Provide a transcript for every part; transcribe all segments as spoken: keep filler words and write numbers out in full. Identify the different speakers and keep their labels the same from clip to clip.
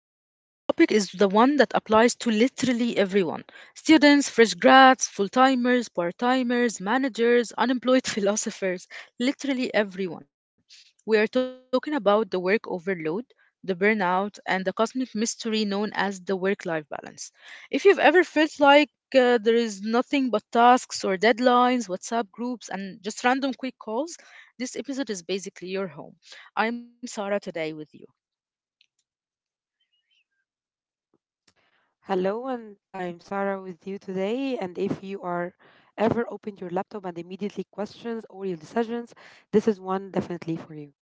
Speaker 1: Uh, today's topic is the one that applies to literally everyone students, fresh grads, full timers, part timers, managers, unemployed philosophers, literally everyone. We are talking about the work overload, the burnout, and the cosmic mystery known as the work life balance. If you've ever felt like uh, there is nothing but tasks or deadlines, WhatsApp groups, and just random quick calls, this episode is basically your home. I'm Sarah today with you.
Speaker 2: Hello, and I'm Sarah with you today. And if you are ever opened your laptop and immediately questions all your decisions, this is one definitely for you.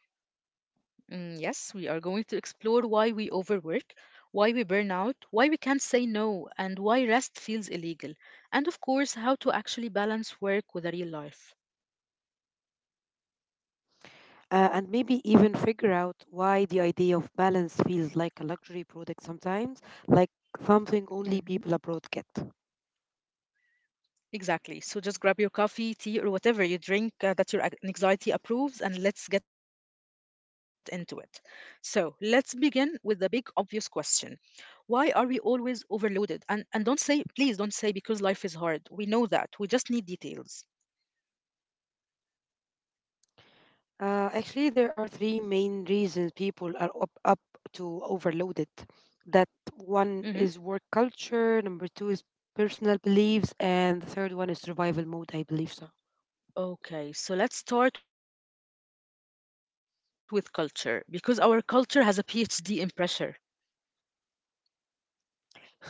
Speaker 1: Mm, yes, we are going to explore why we overwork, why we burn out, why we can't say no, and why rest feels illegal. And of course, how to actually balance work with a real life.
Speaker 2: Uh, and maybe even figure out why the idea of balance feels like a luxury product sometimes, like
Speaker 1: Hmm.
Speaker 2: something only people abroad get.
Speaker 1: Exactly. So just grab your coffee, tea, or whatever you drink uh, that your ac- anxiety approves, and let's get into it. So let's begin with the big obvious question, why are we always overloaded, and and don't say please don't say because life is hard. We know that, we just need details.
Speaker 2: Uh, actually, there are three main reasons people are up, up to overloaded. That
Speaker 1: Hmm.
Speaker 2: one is work culture, number two is personal beliefs, and the third one is survival mode. I believe so.
Speaker 1: Okay, so let's start with culture, because our culture has a P h D in pressure.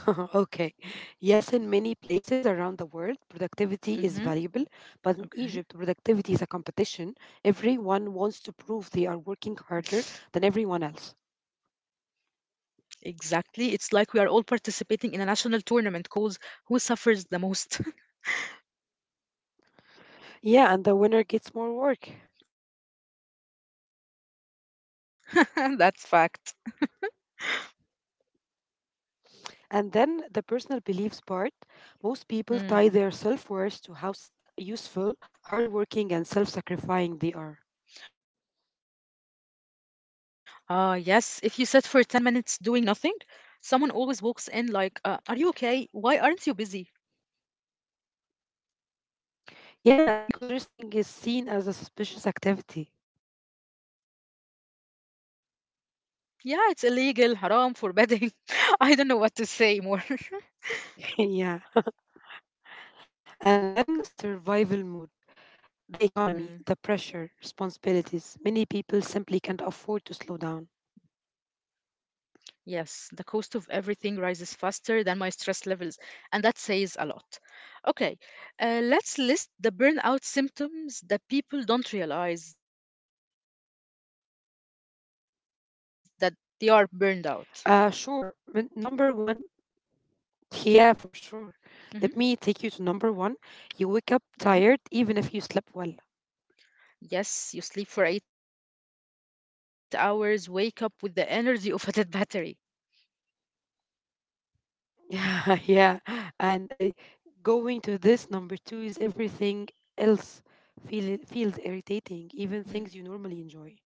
Speaker 2: Okay. Yes, in many places around the world, productivity is valuable,
Speaker 1: Mm-hmm.
Speaker 2: but in Egypt,
Speaker 1: Okay.
Speaker 2: productivity is a competition. Everyone wants to prove they are working harder than everyone else.
Speaker 1: Exactly, it's like we are all participating in a national tournament called who suffers the most.
Speaker 2: Yeah, and the winner gets more work.
Speaker 1: That's fact.
Speaker 2: And then the personal beliefs part. Most people tie their
Speaker 1: Mm.
Speaker 2: self worth to how s- useful, hardworking, and self sacrificing they are.
Speaker 1: Ah, yes. If you sit for ten minutes doing nothing, someone always walks in like, uh, Are you okay? Why aren't you busy?
Speaker 2: Yeah, because resting is seen as a suspicious activity.
Speaker 1: Yeah, it's illegal, haram, forbidding. I don't know what to say more.
Speaker 2: Yeah. And then survival mode, the economy, the
Speaker 1: Mm,
Speaker 2: pressure, responsibilities. Many people simply can't afford to slow down.
Speaker 1: yes, the cost of everything rises faster than my stress levels, and that says a lot. Okay, uh, let's list the burnout symptoms that people don't realize that they are burned out.
Speaker 2: Uh, sure. N- Number one, yeah, for
Speaker 1: Hmm.
Speaker 2: sure. Let me take you to number one. You wake up tired
Speaker 1: Hmm.
Speaker 2: even if you slept well.
Speaker 1: Yes, you sleep for eight hours, wake up with the energy of a dead battery.
Speaker 2: Yeah, yeah. And uh, going to this number two is everything else feel, feels irritating, even things you normally
Speaker 1: Mm.
Speaker 2: enjoy.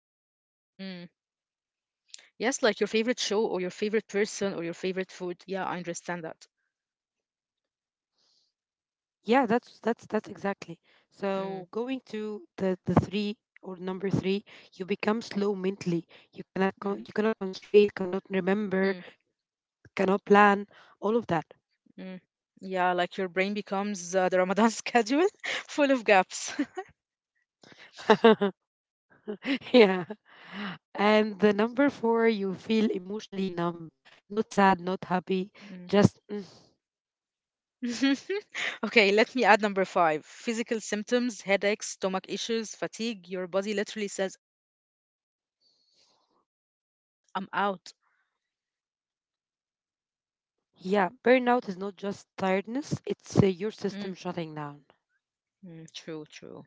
Speaker 1: Yes, like your favorite show or your favorite person or your favorite food. Yeah, I understand that.
Speaker 2: Yeah, that's that's that's exactly. So going
Speaker 1: Mm,
Speaker 2: to the the three or number three,
Speaker 1: mhm,
Speaker 2: you become slow mentally. You cannot con- you
Speaker 1: mm,
Speaker 2: cannot concentrate, cannot remember, cannot plan, all of that.
Speaker 1: mm. Yeah, like your brain becomes uh, the Ramadan schedule full of gaps.
Speaker 2: Yeah. And the number four, you feel emotionally numb, not sad, not
Speaker 1: Mm.
Speaker 2: happy, just.
Speaker 1: Okay, let me add number five. Physical symptoms, headaches, stomach issues, fatigue. Your body literally says, I'm out.
Speaker 2: Yeah, burnout is not just tiredness, it's uh, your
Speaker 1: Mm,
Speaker 2: system shutting down.
Speaker 1: mm, true, true.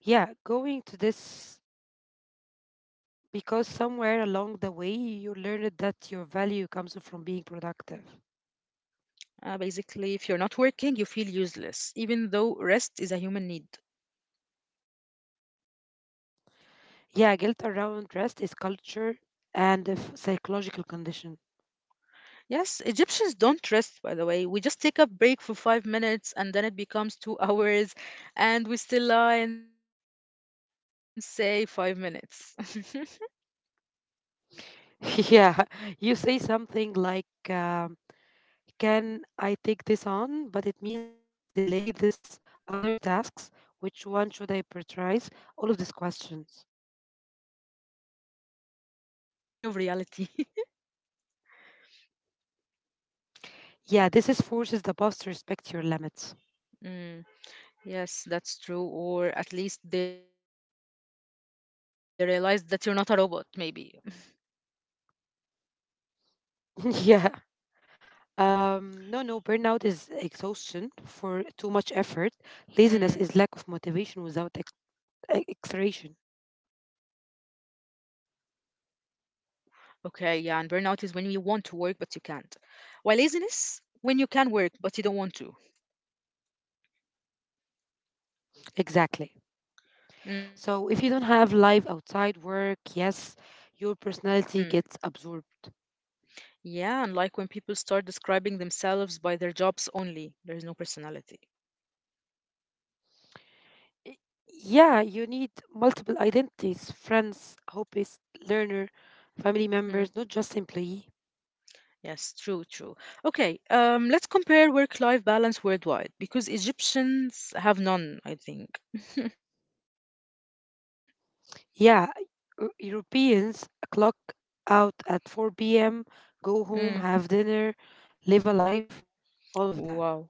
Speaker 2: Yeah, going to this
Speaker 1: Mm.
Speaker 2: because somewhere along the way you learned that your value comes from being productive.
Speaker 1: Uh, basically, if you're not working, you feel useless, even though rest is a human need.
Speaker 2: Yeah, guilt around rest is culture and a f- psychological condition.
Speaker 1: Yes, Egyptians don't rest, by the way. We just take a break for five minutes and then it becomes two hours and we still lie and say five minutes.
Speaker 2: Yeah, you say something like, um, can I take this on? But it means delay this other tasks. Which one should I prioritize? All of these questions.
Speaker 1: Yes, make them choose, make them feel the pain of reality.
Speaker 2: Yeah, this is forces the boss to respect your limits.
Speaker 1: Mm, yes, that's true. Or at least they realize that you're not a robot, maybe.
Speaker 2: Yeah. Um, no, no. Burnout is exhaustion for too much effort.
Speaker 1: Mm,
Speaker 2: Laziness is lack of motivation without ex- e- exertion.
Speaker 1: okay, yeah, and burnout is when you want to work but you can't. While laziness, when you can work but you don't want to.
Speaker 2: Exactly.
Speaker 1: Mm.
Speaker 2: So if you don't have life outside work, yes, your personality gets absorbed.
Speaker 1: Yeah, and like when people start describing themselves by their jobs only, there is no personality.
Speaker 2: Y- Yeah, you need multiple identities, friends, hobbies,
Speaker 1: Mm,
Speaker 2: learner, family members, not just employee.
Speaker 1: yes, true, true. Okay, um, let's compare work-life balance worldwide because Egyptians have none, I think.
Speaker 2: Yeah, Eu- Europeans clock out at four p m, go
Speaker 1: Mm,
Speaker 2: home, have dinner, live a life, all of that.
Speaker 1: wow.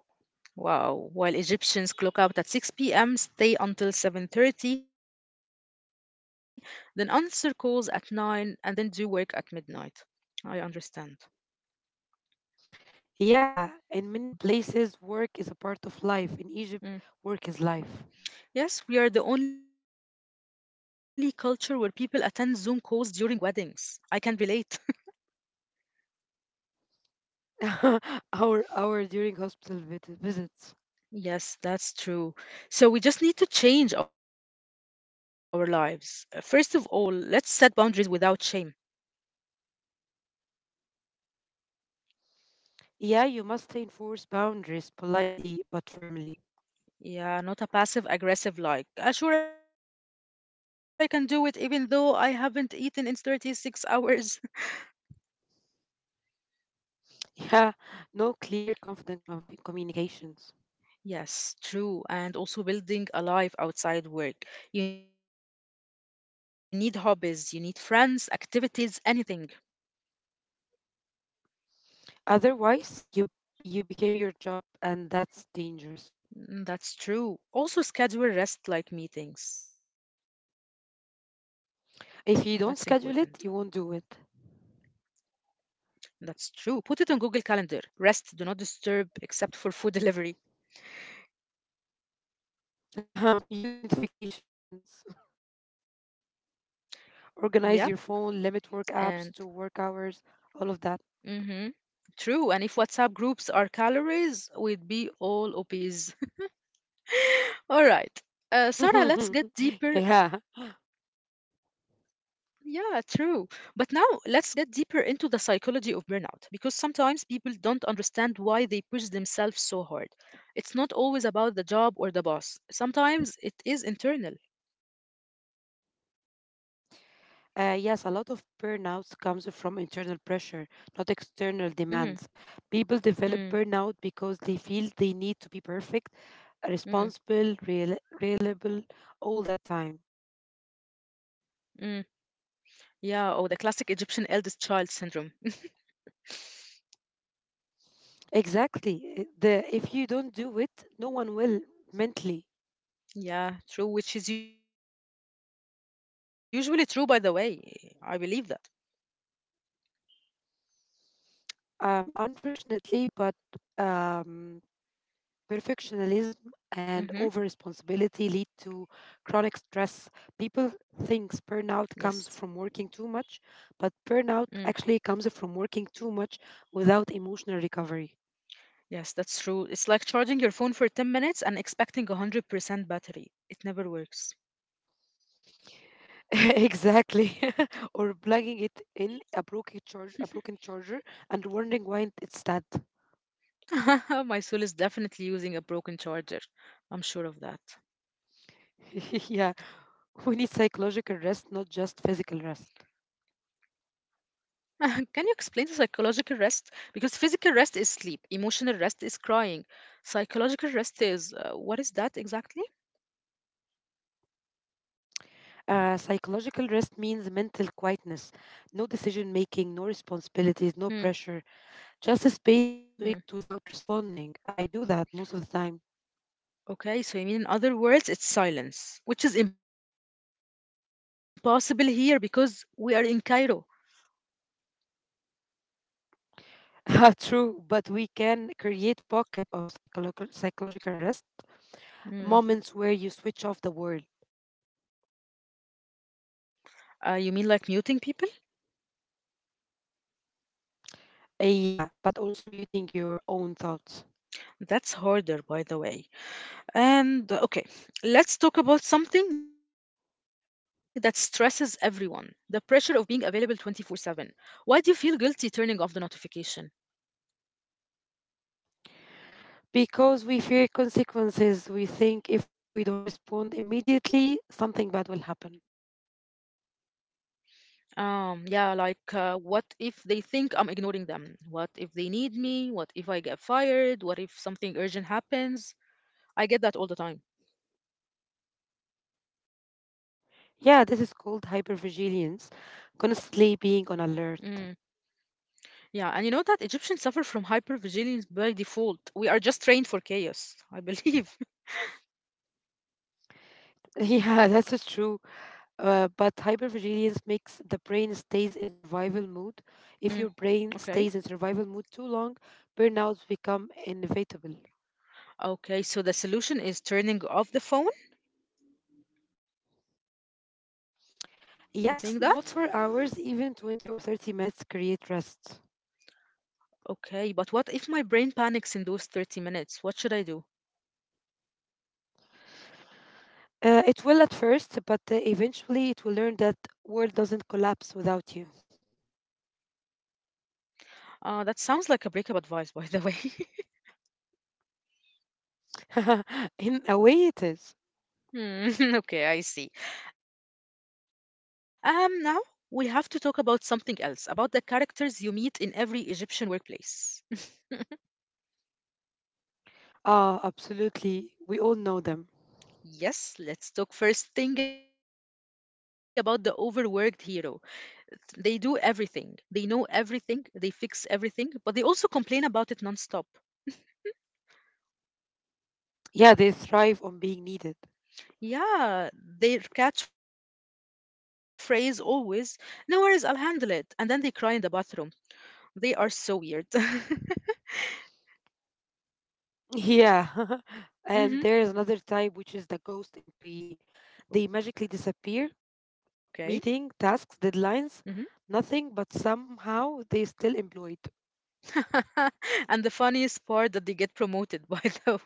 Speaker 1: Wow. While Egyptians clock out at six p m, stay until seven thirty, then answer calls at nine, and then do work at midnight. I understand.
Speaker 2: Yeah, in many places, work is a part of life. In
Speaker 1: Mm.
Speaker 2: Egypt, work is life.
Speaker 1: Yes, we are the only culture where people attend Zoom calls during weddings. I can relate.
Speaker 2: Our hour during hospital vis- visits.
Speaker 1: Yes, that's true. So we just need to change our lives. Uh, First of all, let's set boundaries without shame.
Speaker 2: Yeah, you must enforce boundaries politely but firmly.
Speaker 1: Yeah, not a passive aggressive like, "Uh, sure, I can do it even though I haven't eaten in thirty-six hours."
Speaker 2: Yeah, no clear, confident conf- communications.
Speaker 1: Yes, true. And also building a life outside work. You need hobbies, you need friends, activities, anything.
Speaker 2: Otherwise, you you became your job, and that's dangerous.
Speaker 1: Mm, that's true. Also, schedule rest like meetings. That's important.
Speaker 2: If you don't schedule it, you won't do it.
Speaker 1: That's true. Put it on Google Calendar. Rest, do not disturb except for food delivery.
Speaker 2: Mute notifications,
Speaker 1: Yeah.
Speaker 2: organize
Speaker 1: And
Speaker 2: your phone, limit work apps to work hours, all of that.
Speaker 1: mm-hmm. True. And if WhatsApp groups are calories, we'd be all obese. All right. Uh, Sarah, let's get deeper.
Speaker 2: Yeah.
Speaker 1: Yeah, true. But now let's get deeper into the psychology of burnout because sometimes people don't understand why they push themselves so hard. It's not always about the job or the boss, sometimes it is internal.
Speaker 2: Uh, yes, a lot of burnouts comes from internal pressure, not
Speaker 1: Mm,
Speaker 2: external demands. People
Speaker 1: mm,
Speaker 2: develop burnout because they feel they need to be perfect,
Speaker 1: mm,
Speaker 2: responsible, real- reliable all that
Speaker 1: mm.
Speaker 2: time.
Speaker 1: Yeah, oh, the classic Egyptian eldest child syndrome.
Speaker 2: Exactly. I- The if you don't do it, no one will mentally.
Speaker 1: Yeah, true, which is usually true, by the way. I believe that.
Speaker 2: Um, unfortunately, but um, Perfectionism and over
Speaker 1: Mm-hmm.
Speaker 2: responsibility lead to chronic stress. People
Speaker 1: Yes.
Speaker 2: think burnout comes from working too much, but burnout actually comes from working too much without emotional recovery.
Speaker 1: Yes, that's true. It's like charging your phone for ten minutes and expecting one hundred percent battery. It never works.
Speaker 2: Exactly, or plugging it in a broken charge a broken charger and wondering why it- it's dead.
Speaker 1: My soul is definitely using a broken charger. I'm sure of that.
Speaker 2: Yeah, we need psychological rest, not just physical rest.
Speaker 1: Can you explain the psychological rest? Because physical rest is sleep, emotional rest is crying, psychological rest is uh, what is that exactly?
Speaker 2: Uh, psychological rest means mental quietness, no
Speaker 1: Hmm.
Speaker 2: decision making, no responsibilities, no pressure, just
Speaker 1: Hmm.
Speaker 2: a space to exit without responding. I do that most of the time.
Speaker 1: Okay, so you mean in other words, it's silence, which is impossible here because we are in Cairo.
Speaker 2: True, but we can create pocket of psychological psychological rest,
Speaker 1: Hmm.
Speaker 2: moments where you switch off the world.
Speaker 1: Uh, you mean like muting people?
Speaker 2: Uh, yeah, but also muting your own thoughts.
Speaker 1: That's harder, by the way. And uh, okay, let's talk about something that stresses everyone, the pressure of being available twenty-four seven. Why do you feel guilty turning off the notification?
Speaker 2: Because we fear consequences, we think if we don't respond immediately, something bad will happen.
Speaker 1: Um, yeah, like, uh, what if they think I'm ignoring them? What if they need me? What if I get fired? What if something urgent happens? I get that all the time.
Speaker 2: Yeah, this is called hypervigilance,
Speaker 1: Mm,
Speaker 2: constantly being on alert.
Speaker 1: yeah, and you know that Egyptians suffer from hypervigilance by default. We are just trained for chaos, I believe.
Speaker 2: Yeah, that's is true. Uh, but hypervigilance makes the brain stays in survival
Speaker 1: Mm,
Speaker 2: mode. If your
Speaker 1: okay.
Speaker 2: brain stays in survival mode too long, burnouts become inevitable.
Speaker 1: Okay, so the solution is turning off the phone? You think that?
Speaker 2: Yes, not for hours, even twenty or thirty minutes create rest.
Speaker 1: Okay, but what if my brain panics in those thirty minutes? What should I do?
Speaker 2: Uh, it will at first, but uh, eventually it will learn that world doesn't collapse without you.
Speaker 1: Uh, that sounds like a breakup advice, by the way.
Speaker 2: In a way, it is.
Speaker 1: Hmm, okay, I see. Um, now we have to talk about something else, about the characters you meet in every Egyptian workplace.
Speaker 2: Ah, absolutely. We all know them.
Speaker 1: Yes, let's talk first thing about the overworked hero. They do everything. They know everything. They fix everything, but they also complain about it nonstop.
Speaker 2: Yeah, they thrive on being needed.
Speaker 1: Yeah, their catchphrase always, no worries, I'll handle it. And then they cry in the bathroom. They are so weird.
Speaker 2: Yeah.
Speaker 1: Mm-hmm.
Speaker 2: And there is another type, which is the ghost employee. They
Speaker 1: Okay.
Speaker 2: magically disappear,
Speaker 1: Mm-hmm.
Speaker 2: meeting, tasks, deadlines, nothing, but somehow they still employed.
Speaker 1: And the funniest part that they get promoted, by the way.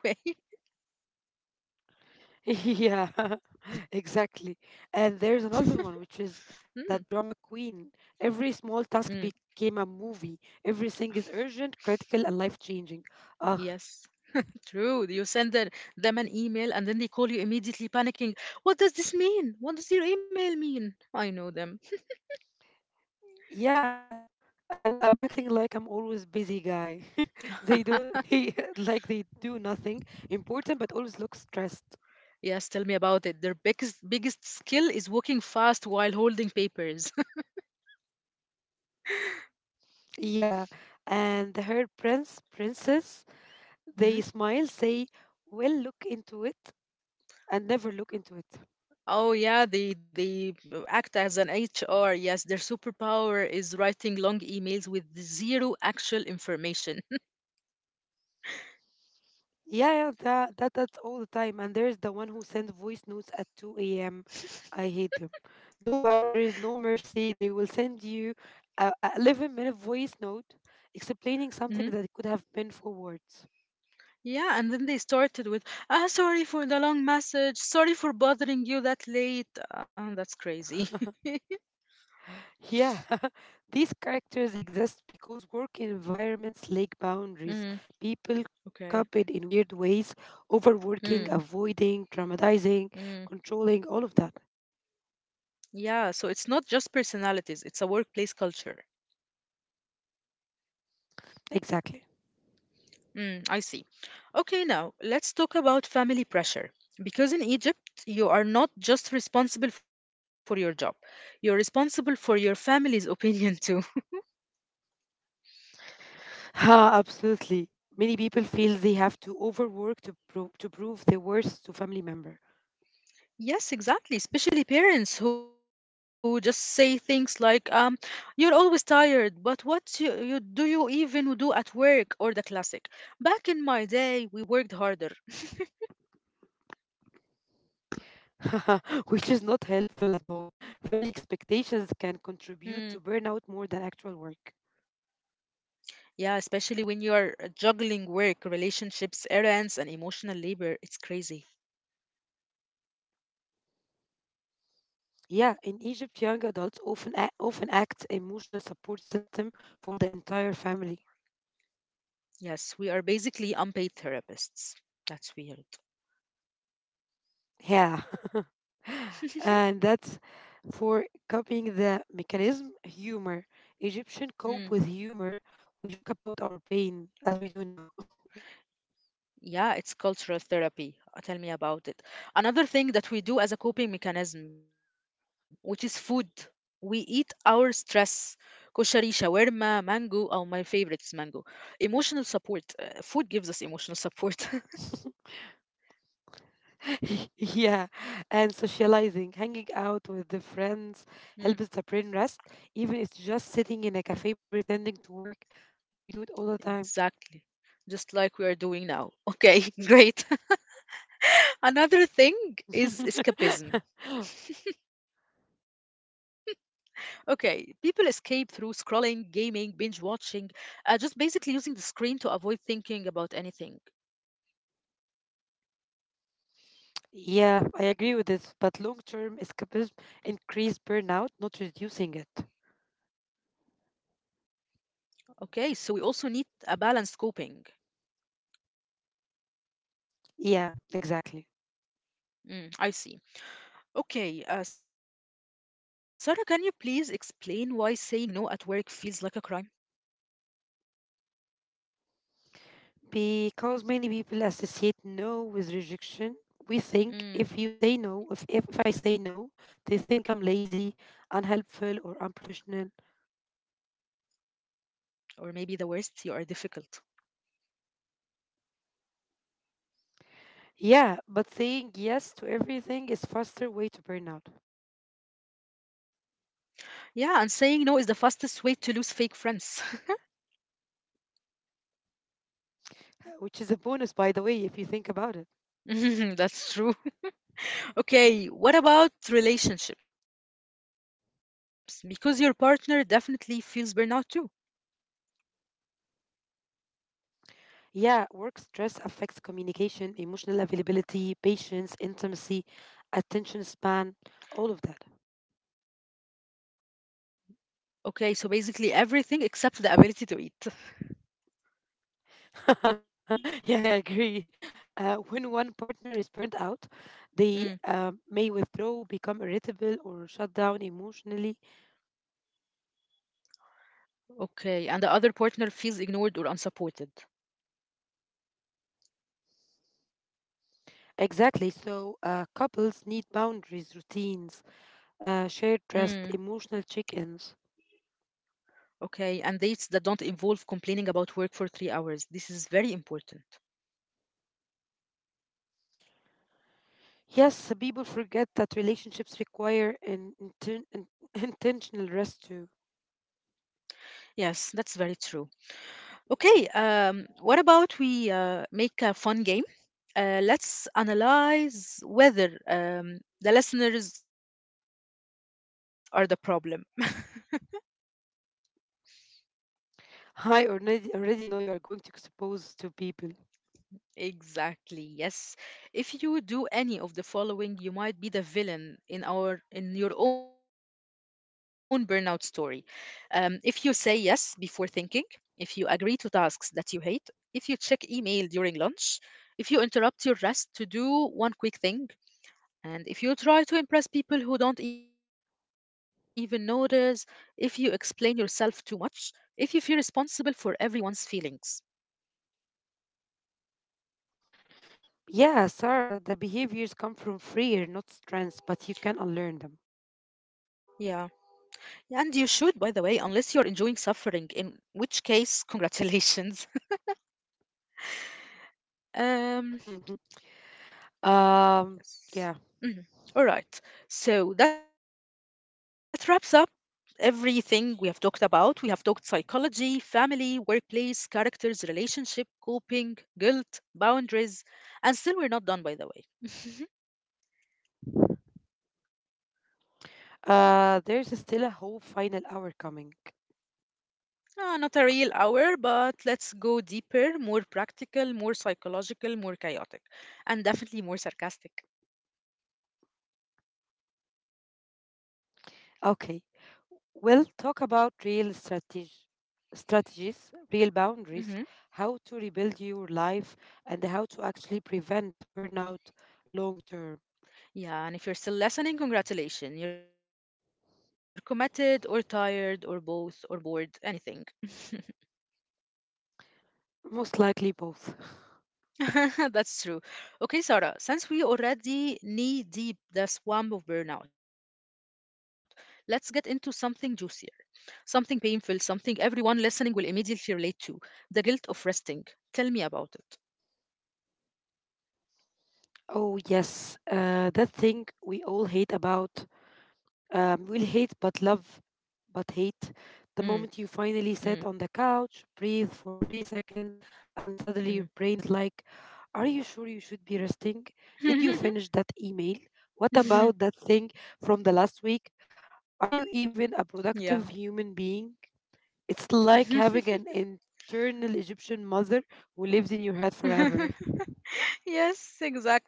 Speaker 2: Yeah, exactly. And
Speaker 1: Mm.
Speaker 2: there's another one, which is the drama queen. Every
Speaker 1: Mm.
Speaker 2: small task became a movie. Everything is urgent, critical, and life changing. Ugh.
Speaker 1: Yes, true. You send the- them an email and then they call you immediately panicking. What does this mean? What does your email mean? I know them.
Speaker 2: Yeah, yeah. And I'm acting like I'm always busy guy. They do they like they do nothing important but always look stressed.
Speaker 1: Yes, tell me about it. Their biggest biggest skill is walking fast while holding papers.
Speaker 2: Yeah. And her prince princess they
Speaker 1: Hmm.
Speaker 2: smile, say, "We'll look into it," and never look into it.
Speaker 1: Oh yeah, they they act as an H R. Yes, their superpower is writing long emails with zero actual information.
Speaker 2: Yeah, yeah, that, that that's all the time. And there's the one who sends voice notes at two a m. I hate them. No boundaries, no mercy. They will send you a a eleven minute voice note explaining
Speaker 1: Hmm.
Speaker 2: something that could have been four words.
Speaker 1: Yeah, and then they started with, "Ah, sorry for the long message. Sorry for bothering you that late." Ah, that's crazy.
Speaker 2: Yeah, these characters exist because work environments lack boundaries.
Speaker 1: Mm,
Speaker 2: People copied
Speaker 1: okay.
Speaker 2: in weird ways, overworking,
Speaker 1: Mm,
Speaker 2: avoiding, dramatizing,
Speaker 1: mm.
Speaker 2: controlling, all of that.
Speaker 1: Yeah, so it's not just personalities; it's a workplace culture.
Speaker 2: Exactly.
Speaker 1: Mm, I see. Okay, now let's talk about family pressure. Because in Egypt, you are not just responsible for your job, you're responsible for your family's opinion too.
Speaker 2: Ha, absolutely. Many people feel they have to overwork to, pro- to prove their worth to family member.
Speaker 1: Yes, exactly. Especially parents who just say things like, um, you're always tired, but what you, you, do you even do at work? Or the classic, back in my day, we worked harder.
Speaker 2: Which is not helpful at all. Family expectations
Speaker 1: Mm,
Speaker 2: can contribute to burnout more than actual work.
Speaker 1: yeah, especially when you're juggling work, relationships, errands, and emotional labor. It's crazy.
Speaker 2: Yeah, in Egypt, young adults often act, often act emotional support system for the entire family.
Speaker 1: Yes, we are basically unpaid therapists. That's weird.
Speaker 2: Yeah, and that's for copying the mechanism
Speaker 1: Mm.
Speaker 2: humor. Egyptian cope with humor. We joke about our pain as we do now.
Speaker 1: Yeah, it's cultural therapy. Uh, Tell me about it. Another thing that we do as a coping mechanism, which is food. We eat our stress. Koshari, shawarma, mango. Oh, my favorite is mango. Emotional support. Uh, food gives us emotional support.
Speaker 2: Yeah, and socializing, hanging
Speaker 1: Mm,
Speaker 2: out with the friends helps the brain rest.
Speaker 1: mm,
Speaker 2: Even if it's just sitting in a cafe pretending to work, we do it all the time.
Speaker 1: exactly. Just like we are doing now. Okay, great. Another thing is escapism. Okay, people escape through scrolling, gaming, binge watching, uh, just basically using the screen to avoid thinking about anything.
Speaker 2: Yeah, I agree with this, but long-term escapism increase burnout, not reducing it.
Speaker 1: Okay, so we also need a balanced coping.
Speaker 2: Yeah, exactly.
Speaker 1: Mm, I see. Okay, uh, Sarah, can you please explain why saying no at work feels like a crime?
Speaker 2: Because many people associate no with rejection. We think
Speaker 1: Mm,
Speaker 2: if you say no, if, if I say no, they think I'm lazy, unhelpful, or unprofessional.
Speaker 1: or maybe the worst, you are difficult.
Speaker 2: Yeah, but saying yes to everything is faster way to burn out.
Speaker 1: Yeah, and saying no is the fastest way to lose fake friends.
Speaker 2: Which is a bonus by the way if you think about it.
Speaker 1: That's true. Okay, what about relationships? Because your partner definitely feels burnout too.
Speaker 2: Yeah, work stress affects communication, emotional availability, patience, intimacy, attention span, all of that.
Speaker 1: Okay, so basically everything except the ability to eat.
Speaker 2: Yeah, I agree. Uh, when one partner is burned out, they um may withdraw, become irritable,
Speaker 1: Mm,
Speaker 2: or shut down emotionally.
Speaker 1: okay, and the other partner feels ignored or unsupported.
Speaker 2: Exactly. So uh, couples need boundaries, routines, uh, shared rest, emotional
Speaker 1: Mm,
Speaker 2: check-ins.
Speaker 1: okay, and dates that don't involve complaining about work for three hours. This is very important.
Speaker 2: Yes, uh, people forget that relationships require an, inten- an intentional rest too.
Speaker 1: Yes, that's very true. Okay, um, what about we uh, make a fun game? Uh, let's analyze whether um, the listeners are the problem.
Speaker 2: I already, already know you are going to expose to people.
Speaker 1: Exactly, yes. If you do any of the following, you might be the villain in our in your own burnout story. Um, if you say yes before thinking, if you agree to tasks that you hate, if you check email during lunch, if you interrupt your rest to do one quick thing, and if you try to impress people who don't even notice, if you explain yourself too much, if you feel responsible for everyone's feelings.
Speaker 2: Yeah, Sarah, the behaviors come from fear, not strengths, but you can unlearn
Speaker 1: Yeah. And you should, by the way, unless you're enjoying suffering, in which case, congratulations. um,
Speaker 2: them. um,
Speaker 1: yes.
Speaker 2: yeah.
Speaker 1: Mhm. All right. So that wraps up everything we have talked about. We have talked psychology, family, workplace, characters, relationship, coping, guilt, boundaries, and still we're not done, by the way.
Speaker 2: Uh, there's still a whole final hour coming.
Speaker 1: Ah, not a real hour, but let's go deeper, more practical, more psychological, more chaotic, and definitely more sarcastic.
Speaker 2: Okay. We'll talk about real strateg- strategies, real boundaries, how to rebuild your life, and how to actually prevent burnout long term.
Speaker 1: Yeah, and if you're still listening, congratulations. You're committed, or tired, or both, or bored, anything.
Speaker 2: Most likely both.
Speaker 1: That's true. Okay, Sarah, since we already knee deep the swamp of burnout, let's get into something juicier, something painful, something everyone listening will immediately relate to, the guilt of resting. Tell me about it.
Speaker 2: Oh, yes, uh, that thing we all hate about. Um, we'll hate but love but hate. The moment you
Speaker 1: Mm,
Speaker 2: finally sit on the couch, breathe for three seconds, and suddenly your brain is like,
Speaker 1: mm,
Speaker 2: are you sure you should be resting? Did you finish that email? What about that thing from the
Speaker 1: mm.
Speaker 2: last week? Are you even a productive human being? It's like having an internal Egyptian mother who lives in your head forever.
Speaker 1: Yeah.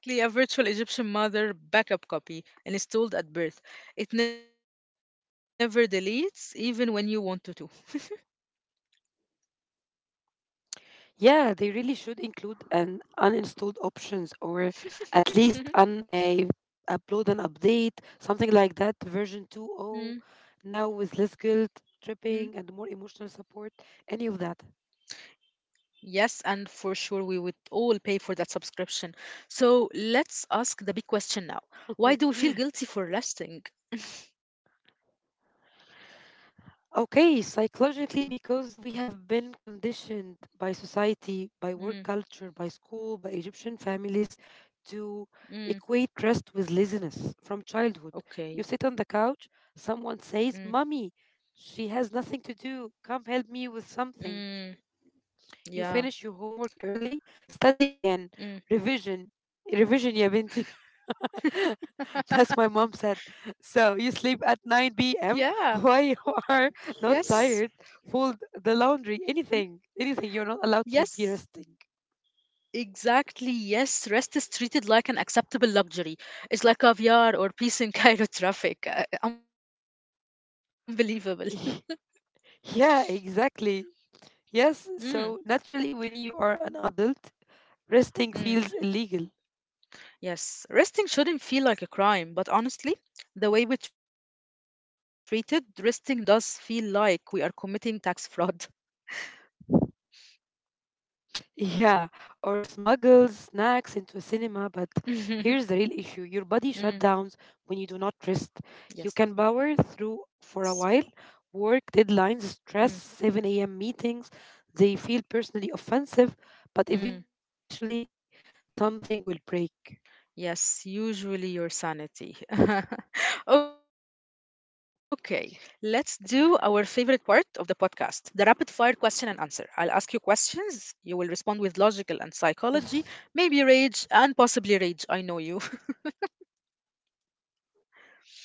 Speaker 1: Yes, exactly. A virtual Egyptian mother backup copy and installed at birth. It never deletes, even when you want to. to.
Speaker 2: Yeah, they really should include an uninstalled options or at least un a upload an update, something like that, version
Speaker 1: Mm,
Speaker 2: 2.0, now with less guilt,
Speaker 1: mm.
Speaker 2: tripping, and more emotional support, any of that.
Speaker 1: Yes, and for sure we would all pay for that subscription. So let's ask the big question now. Why do we feel guilty for lasting?
Speaker 2: Okay, psychologically, because we have been conditioned by society, by work
Speaker 1: Mm,
Speaker 2: culture, by school, by Egyptian families to equate
Speaker 1: mm,
Speaker 2: rest with laziness from childhood. You sit on the
Speaker 1: okay.
Speaker 2: couch,
Speaker 1: Mm,
Speaker 2: someone says, "Mommy, she has nothing to do. Come help me with something."
Speaker 1: mm,
Speaker 2: You
Speaker 1: yeah.
Speaker 2: finish your homework early, study again,
Speaker 1: Mm,
Speaker 2: revision. Revision, يا بنتي. That's my mom said. So you sleep at
Speaker 1: yeah.
Speaker 2: nine p m Why you are
Speaker 1: Yes.
Speaker 2: not tired? Fold the laundry.
Speaker 1: Mm,
Speaker 2: Anything. Anything. You're not allowed to be
Speaker 1: yes.
Speaker 2: resting.
Speaker 1: Exactly, yes. Rest is treated like an acceptable luxury. It's like caviar or peace in Cairo traffic. Uh, Unbelievable.
Speaker 2: Yeah, exactly. Yes.
Speaker 1: Mm,
Speaker 2: So naturally, when you are an adult, resting feels
Speaker 1: mm,
Speaker 2: illegal.
Speaker 1: yes. Resting shouldn't feel like a crime, but honestly, the way we treat it, resting does feel like we are committing tax fraud.
Speaker 2: Yeah, or smuggles snacks into a cinema. But here's the
Speaker 1: Mm,
Speaker 2: real issue, your body shuts down when you do not rest. You can
Speaker 1: yes.
Speaker 2: power through for a while, work
Speaker 1: Mm,
Speaker 2: deadlines, stress, seven a m meetings, they feel personally offensive, but
Speaker 1: mm.
Speaker 2: eventually something will break.
Speaker 1: Yes, usually your sanity. Okay, let's do our favorite part of the podcast, the rapid fire question and answer. I'll ask you questions. You will respond with logical and psychology, maybe rage and possibly rage. I know you.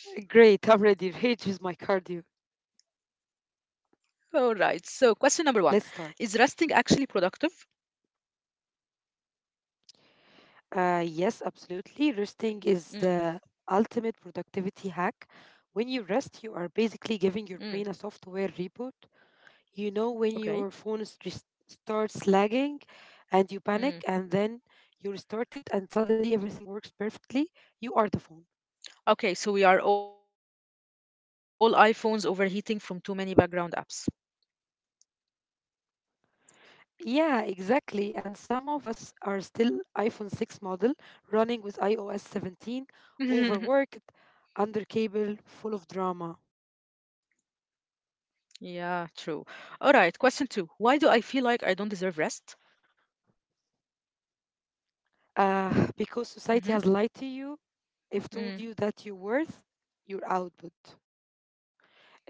Speaker 2: Great, I'm ready. Rage is my cardio.
Speaker 1: All right, so question number one. Is resting actually
Speaker 2: Let's start.
Speaker 1: productive?
Speaker 2: Uh, yes, absolutely. Resting
Speaker 1: Mm,
Speaker 2: is uh, ultimate productivity hack. When
Speaker 1: mm,
Speaker 2: you rest, you are basically giving your brain a software reboot.
Speaker 1: okay.
Speaker 2: You know when your phone is res- starts lagging and you
Speaker 1: Mm.
Speaker 2: panic and then you restart it and suddenly everything works perfectly, you are the phone.
Speaker 1: Okay, so we are all iPhones overheating from too many background apps.
Speaker 2: Yeah, exactly. And some of us are still iPhone six model running with iOS seventeen, overworked, under cable, full of drama.
Speaker 1: Yeah, true. All right, question two. Why do I feel like I don't deserve rest?
Speaker 2: Uh, because
Speaker 1: Mm-hmm.
Speaker 2: society has lied to you. If
Speaker 1: Mm,
Speaker 2: told you that your worth, your output.
Speaker 1: mm,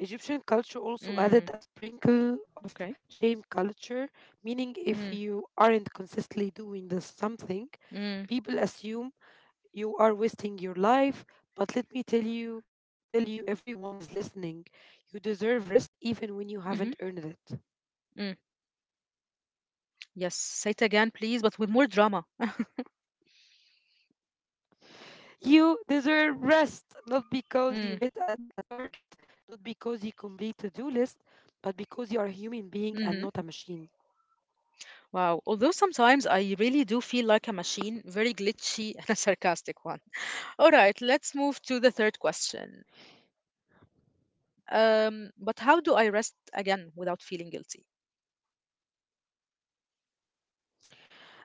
Speaker 2: Egyptian culture also added a
Speaker 1: okay.
Speaker 2: sprinkle of shame culture, meaning
Speaker 1: Mm,
Speaker 2: if you aren't consistently doing this something,
Speaker 1: mm,
Speaker 2: people assume you are wasting your life. But let me tell you, tell you,
Speaker 1: mm-hmm,
Speaker 2: everyone is listening. You
Speaker 1: mm.
Speaker 2: deserve rest even when you haven't earned it.
Speaker 1: Yes, say it again, please, but with more drama.
Speaker 2: You deserve rest not
Speaker 1: Mm,
Speaker 2: because you hit a, a target, not because you complete a do list, but
Speaker 1: mm-hmm.
Speaker 2: because you are a human being and not a machine.
Speaker 1: Wow. Although sometimes I really do feel like a machine, very glitchy and a sarcastic one. All right, let's move to the third question. Um, but how do I rest again without feeling guilty?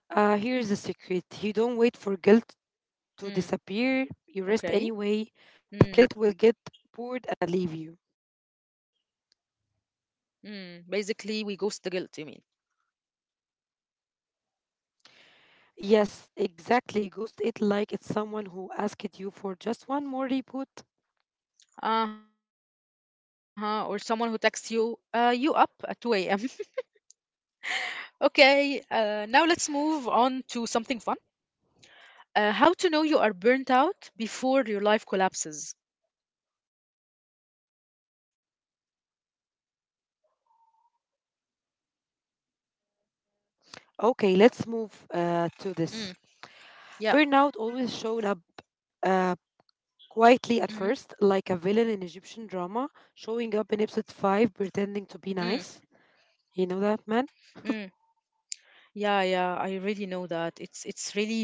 Speaker 2: Uh, here's the secret. You don't wait for guilt to
Speaker 1: Mm,
Speaker 2: disappear. You rest
Speaker 1: okay.
Speaker 2: anyway. The
Speaker 1: Mm,
Speaker 2: guilt will get bored and leave you.
Speaker 1: mm. Basically, we ghost the guilt, you mean?
Speaker 2: Yes, exactly. Ghost it like it's someone who asked you for just one more reboot.
Speaker 1: Uh-huh, or someone who texts you, uh, you up at two a m Okay, uh, now let's move on to something fun. Uh, how to know you are burnt out before your life collapses.
Speaker 2: Okay, let's move uh, to
Speaker 1: Mm,
Speaker 2: this.
Speaker 1: yeah.
Speaker 2: Burnout always showed up uh, quietly at
Speaker 1: Mm-hmm.
Speaker 2: first, like a villain in Egyptian drama, showing
Speaker 1: Mm,
Speaker 2: up in episode five pretending to be nice. You know
Speaker 1: mm.
Speaker 2: that, man?
Speaker 1: Yeah, yeah, I really know that. It's it's really scary.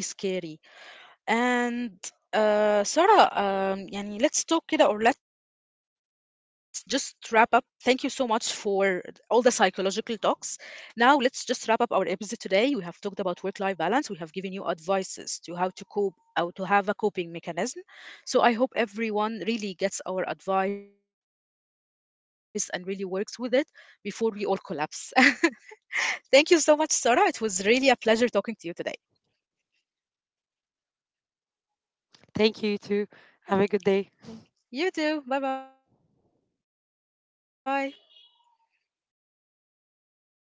Speaker 1: And uh, Sarah, um, يعني let's talk كده or let's just wrap up. Thank you so much for all the psychological talks. Now let's just wrap up our episode today. We have talked about work-life balance. We have given you advices to how to cope or to have a coping mechanism. So I hope everyone really gets our advice and really works with it before we all collapse. Thank you so much, Sarah. It was really a pleasure talking to you today.
Speaker 2: Thank you, too. Have a good
Speaker 1: Thank you.
Speaker 2: day.
Speaker 1: You too. Bye bye.